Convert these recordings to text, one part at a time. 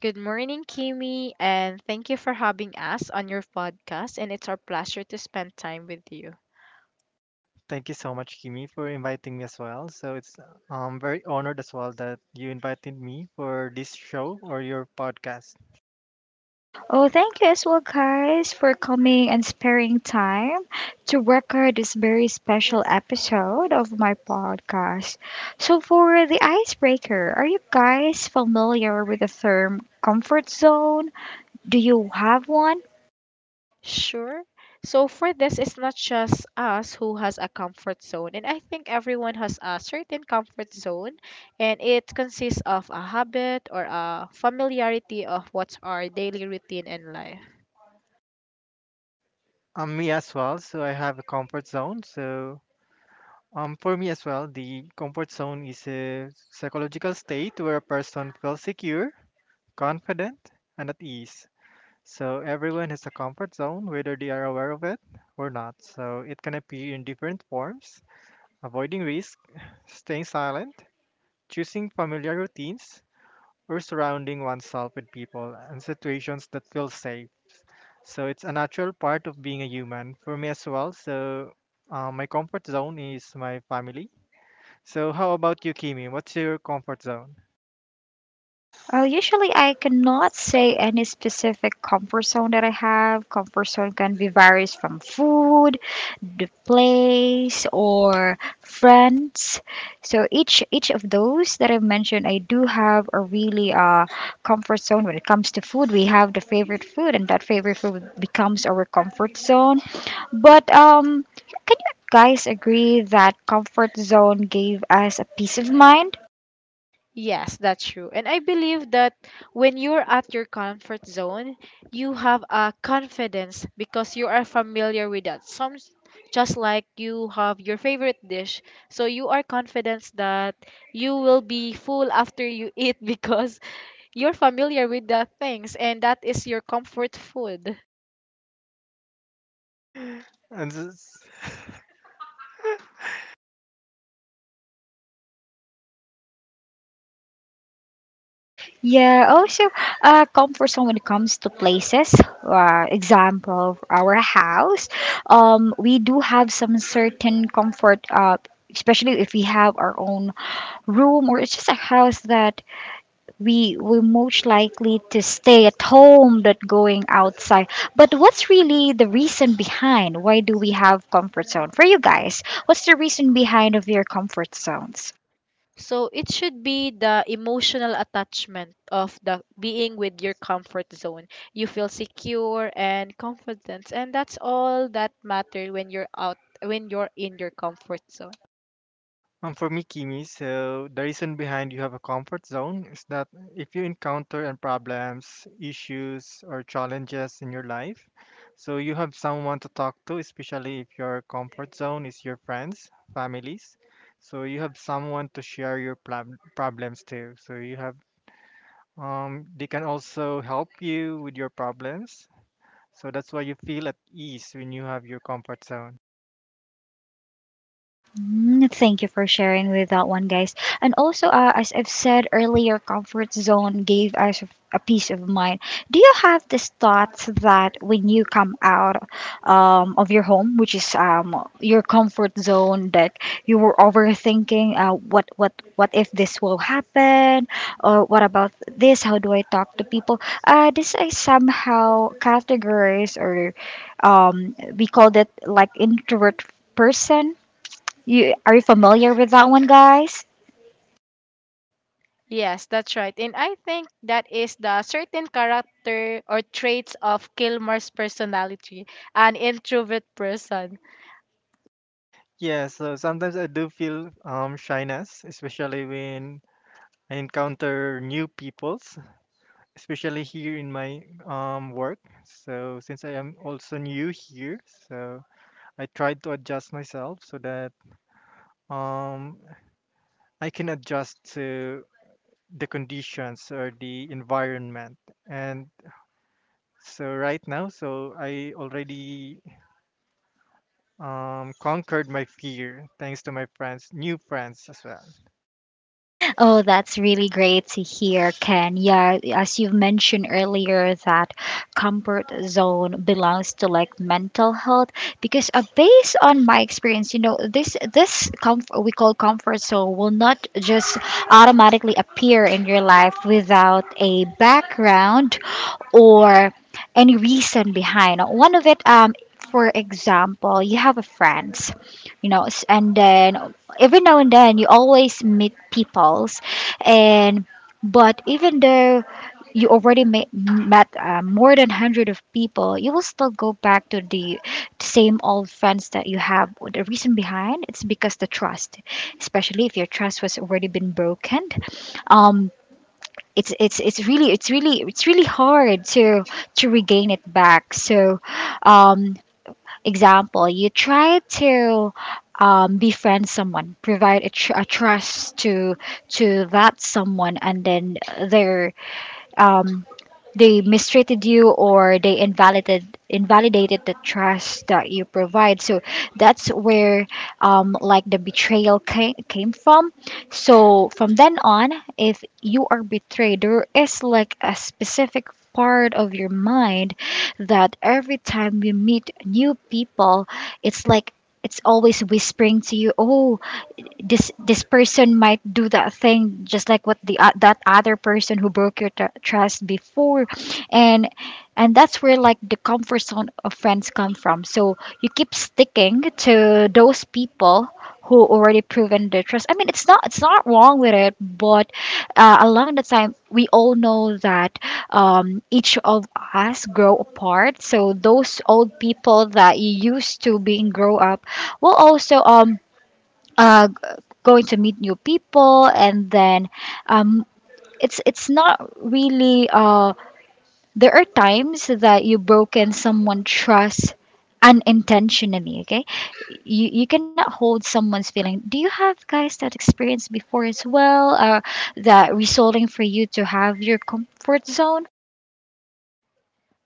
Good morning, Kimi, and thank you for having us on your podcast. And it's our pleasure to spend time with you. Thank you so much, Kimi, for inviting me as well. So it's very honored as well that you invited me for this show or your podcast. Sure. So for this, it's not just us who has a comfort zone, and I think everyone has a certain comfort zone, and it consists of a habit or a familiarity of what's our daily routine in life. Me as well. So I have a comfort zone. So for me as well, the comfort zone is a psychological state where a person feels secure, confident, and at ease. So everyone has a comfort zone, whether they are aware of it or not. So it can appear in different forms: avoiding risk, staying silent, choosing familiar routines, or surrounding oneself with people and situations that feel safe. So it's a natural part of being a human for me as well. So my comfort zone is my family. So how about you, Kimi? What's your comfort zone? Yes, that's true. And I believe that when you're at your comfort zone, you have a confidence because you are familiar with that. Some just like you have your favorite dish, so you are confident that you will be full after you eat because you're familiar with that things, and that is your comfort food. And this- So it should be the emotional attachment of the being with your comfort zone. You feel secure and confident, and that's all that matter when you're out, when you're in your comfort zone. For me, Kimi, so the reason behind you have a comfort zone is that if you encounter and problems, issues, or challenges in your life, so you have someone to talk to, especially if your comfort zone is your friends, families. So you have someone to share your problems to. So you have, they can also help you with your problems. So that's why you feel at ease when you have your comfort zone. Yes, that's right. And I think that is the certain character or traits of Kilmer's personality, an introvert person. Yeah, so sometimes I do feel shyness, especially when I encounter new peoples, especially here in my work. So since I am also new here, so I try to adjust myself so that um, I can adjust to the conditions or the environment. And so right now, so I already conquered my fear thanks to my friends, new friends as well.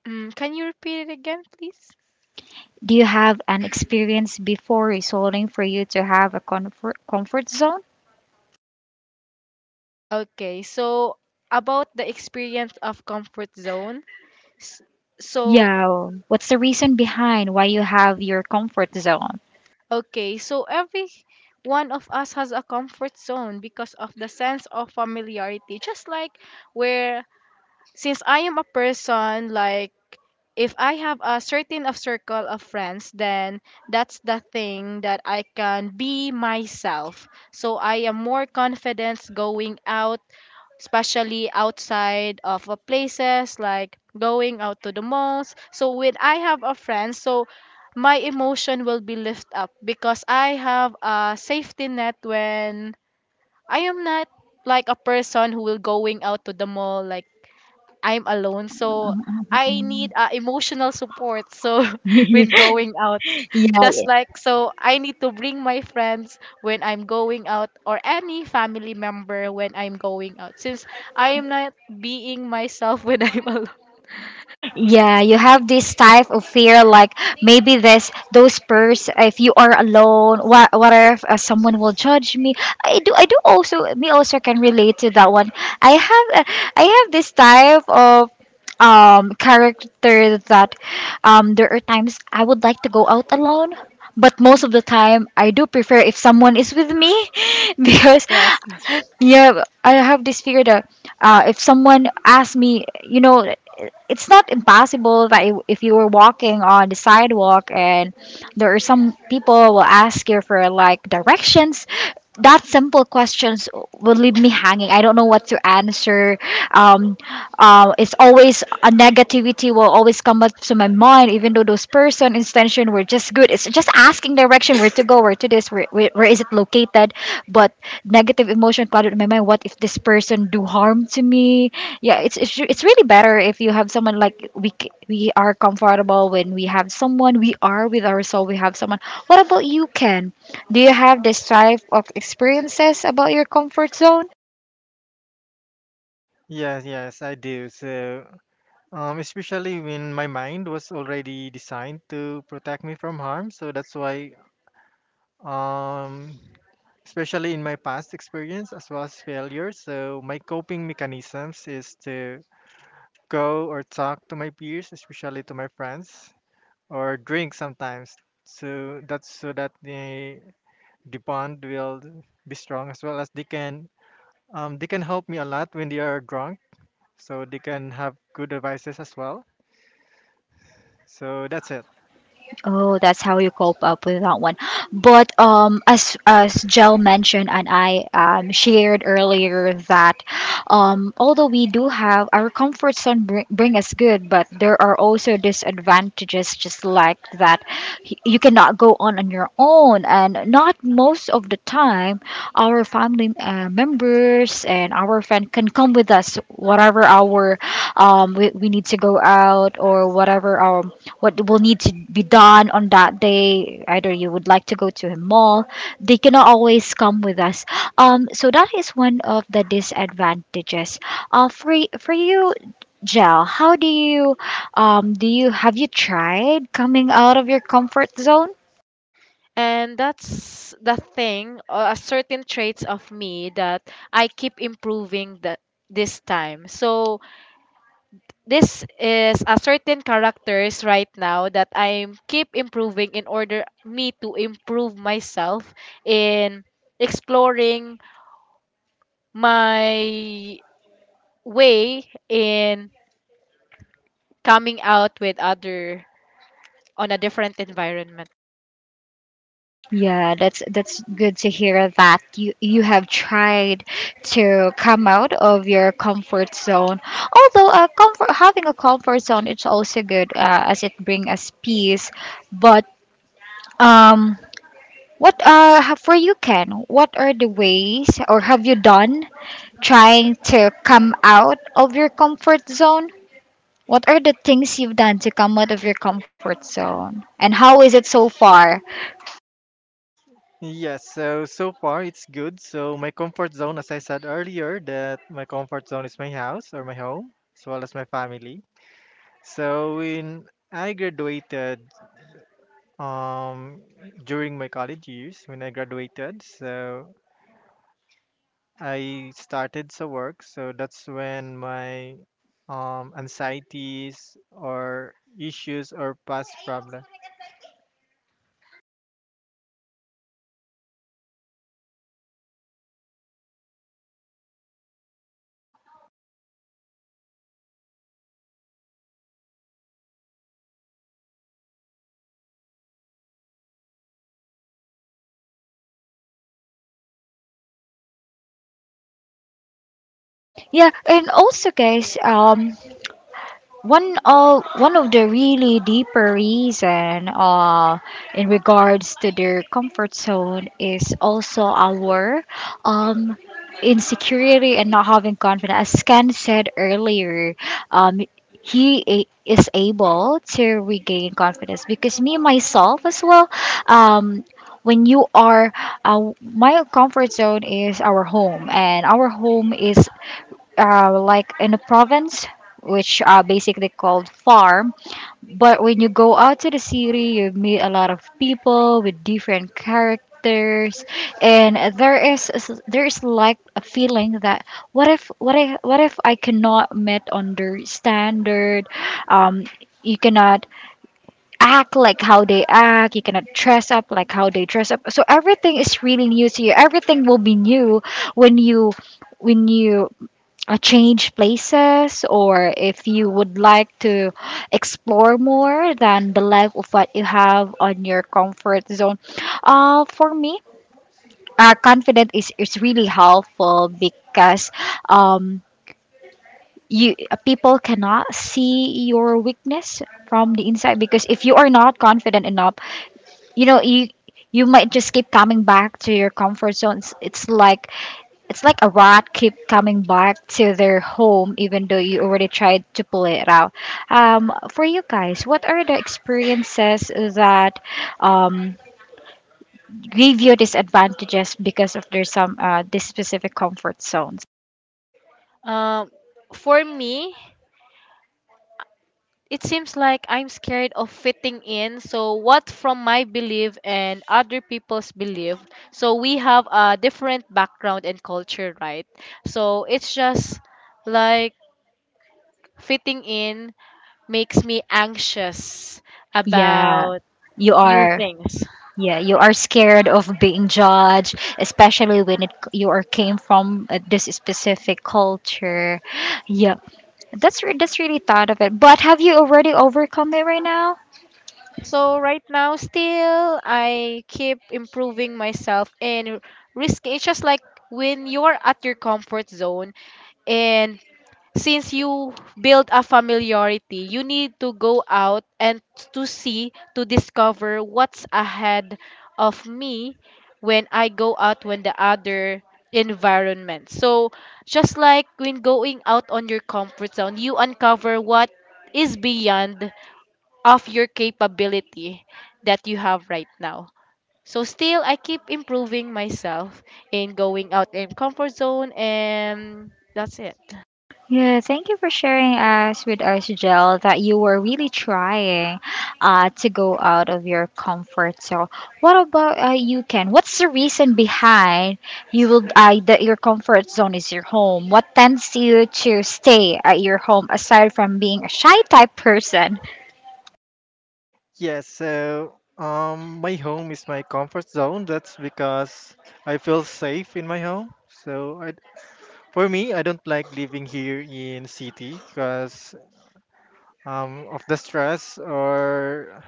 Mm, can you repeat it again, please? Okay, so about the experience of comfort zone. S- So okay, so every one of us has a comfort zone because of the sense of familiarity. Just like where, since I am a person, like if I have a certain of circle of friends, then that's the thing that I can be myself. So I am more confident going out, especially outside of places like going out to the malls. So when I have a friend, so my emotion will be lift up because I have a safety net when I am not like a person who will going out to the mall like I'm alone, so I need emotional support. So when going out, just like so, I need to bring my friends when I'm going out or any family member when I'm going out, since I am not being myself when I'm alone. Yeah, Yes, yes, I do. So especially when my mind was already designed to protect me from harm. So that's why, um, especially in my past experience as well as failure, so my coping mechanisms is to go or talk to my peers, especially to my friends, or drink sometimes. So that's so that the bond will be strong as well as they can help me a lot when they are drunk. So they can have good advices as well. So that's it. and that's the thing, or a certain traits of me that I keep improving that this time. So this is a certain characters right now that I keep improving in order me to improve myself in exploring my way in coming out with other on a different environment. Yes, so so far it's good. So my comfort zone, as I said earlier, that my comfort zone is my house or my home, as well as my family. So when I graduated, um, during my college years, when I graduated, so I started to work. So that's when my anxieties or issues or past problem. Um, for me, it seems like I'm scared of fitting in, so what from my belief and other people's belief. So we have a different background and culture, right? So it's just like fitting in makes me anxious about new things. So right now still I keep improving myself and risking. It's just like when you're at your comfort zone and since you build a familiarity, you need to go out and to see, to discover what's ahead of me when I go out, when the other environment. So just like when going out on your comfort zone, you uncover what is beyond of your capability that you have right now. So still I keep improving myself in going out in comfort zone, and that's it. Yes, so my home is my comfort zone. That's because I feel safe in my home. So I, for me, I don't like living here in city because of the stress or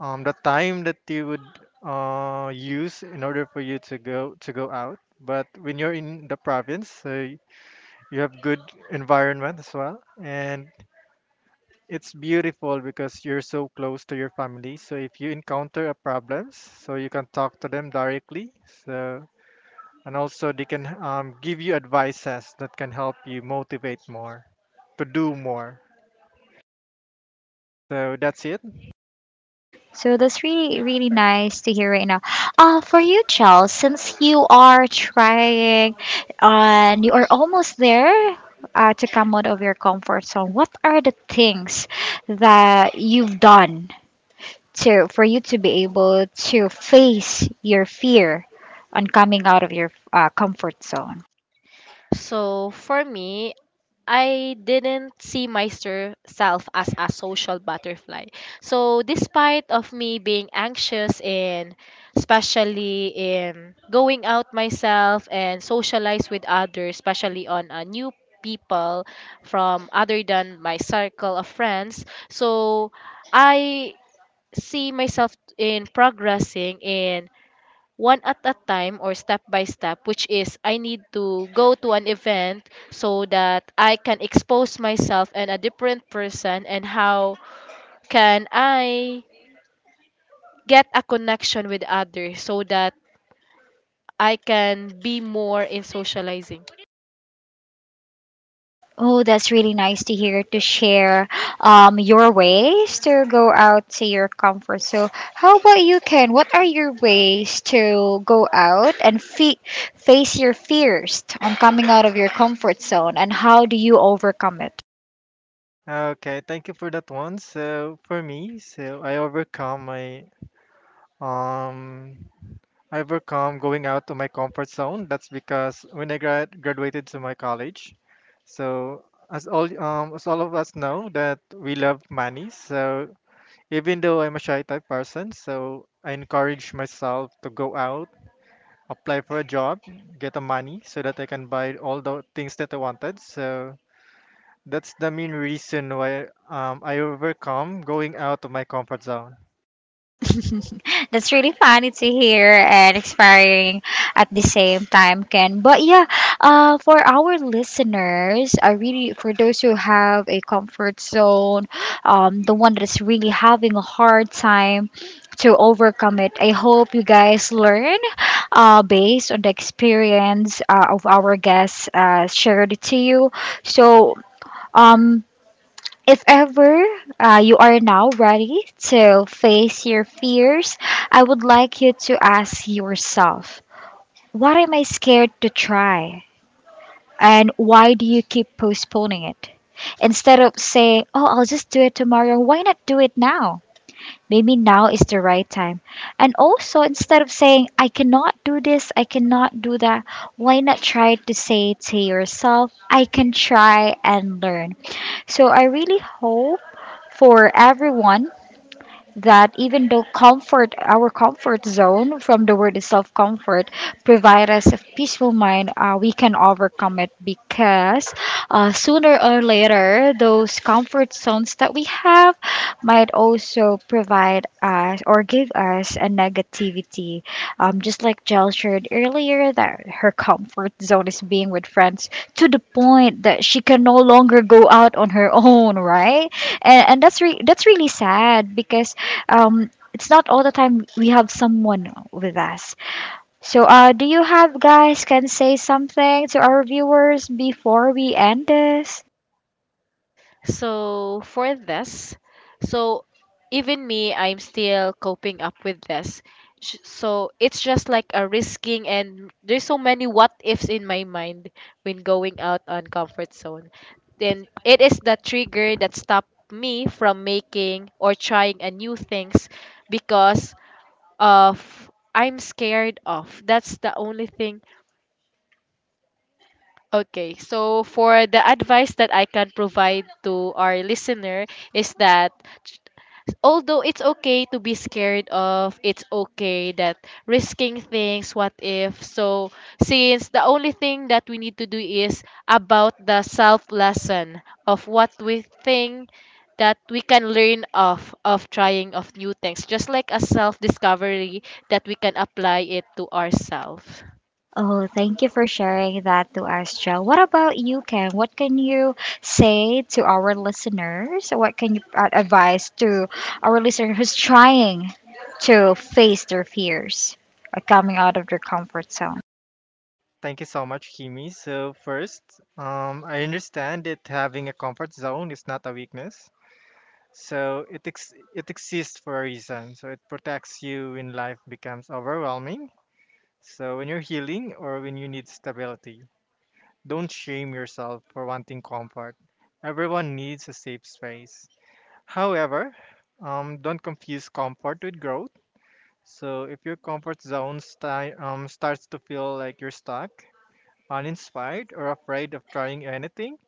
the time that you would use in order for you to go out. But when you're in the province, so you have good environment as well, and it's beautiful because you're so close to your family. So if you encounter a problems, so you can talk to them directly. So and also they can give you advices that can help you motivate more to do more. So that's it. So for me, I didn't see myself as a social butterfly. So despite of me being anxious and especially in going out myself and socialize with others, especially on a new people from other than my circle of friends. So I see myself in progressing in one at a time or step by step, which is I need to go to an event so that I can expose myself and a different person and how can I get a connection with others so that I can be more in socializing. Okay, thank you for that one. So for me, so I overcome my um I overcome going out to my comfort zone. That's because when I graduated to my college, so as all of us know that we love money. So even though I'm a shy type person, so I encourage myself to go out, apply for a job, get the money so that I can buy all the things that I wanted. So that's the main reason why I overcome going out of my comfort zone. So for this, so even me, I'm still coping up with this. So it's just like a risking, and there's so many what ifs in my mind when going out on comfort zone. Then it is the trigger that stopped me from making or trying a new things because of I'm scared of. That's the only thing. Okay, so for the advice that I can provide to our listener is that ch- although it's okay to be scared of, it's okay that risking things, what if. So, since the only thing that we need to do is about the self lesson of what we think that we can learn of trying of new things, just like a self discovery that we can apply it to ourselves. Thank you so much, Kimi. So first, I understand that having a comfort zone is not a weakness. So it it exists for a reason. So it protects you when life becomes overwhelming. So when you're healing or when you need stability, don't shame yourself for wanting comfort. Everyone needs a safe space. However, don't confuse comfort with growth. So if your comfort zone starts to feel like you're stuck, uninspired, or afraid of trying anything,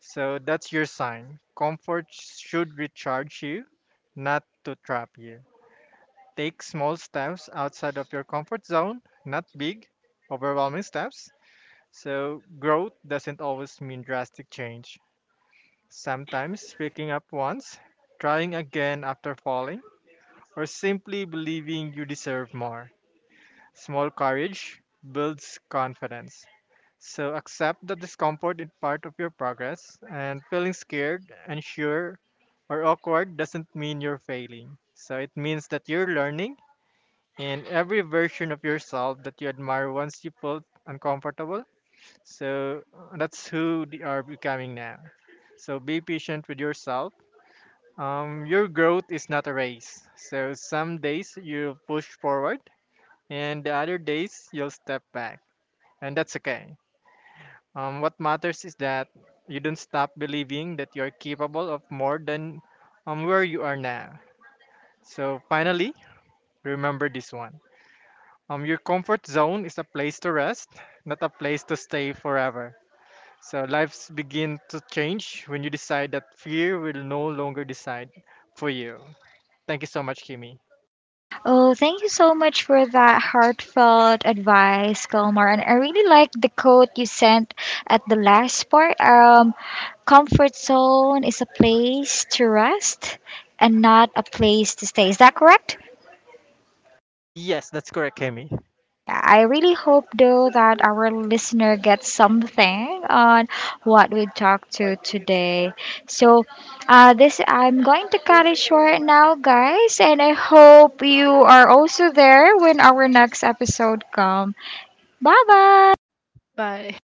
so that's your sign. Comfort should recharge you, not to trap you. Take small steps outside of your comfort zone, not big, overwhelming steps. So, growth doesn't always mean drastic change. Sometimes picking up once, trying again after falling, or simply believing you deserve more. Small courage builds confidence. So accept that discomfort is part of your progress, and feeling scared, unsure, or awkward doesn't mean you're failing. So it means that you're learning, and every version of yourself that you admire once you felt uncomfortable. So that's who they are becoming now. So be patient with yourself. Your growth is not a race. So some days you push forward, and the other days you'll step back, and that's okay. What matters is that you don't stop believing that you're capable of more than where you are now. So finally, remember this one. Your comfort zone is a place to rest, not a place to stay forever. So lives begin to change when you decide that fear will no longer decide for you. Thank you so much, Kimi. Yes, that's correct, Kimi. Bye.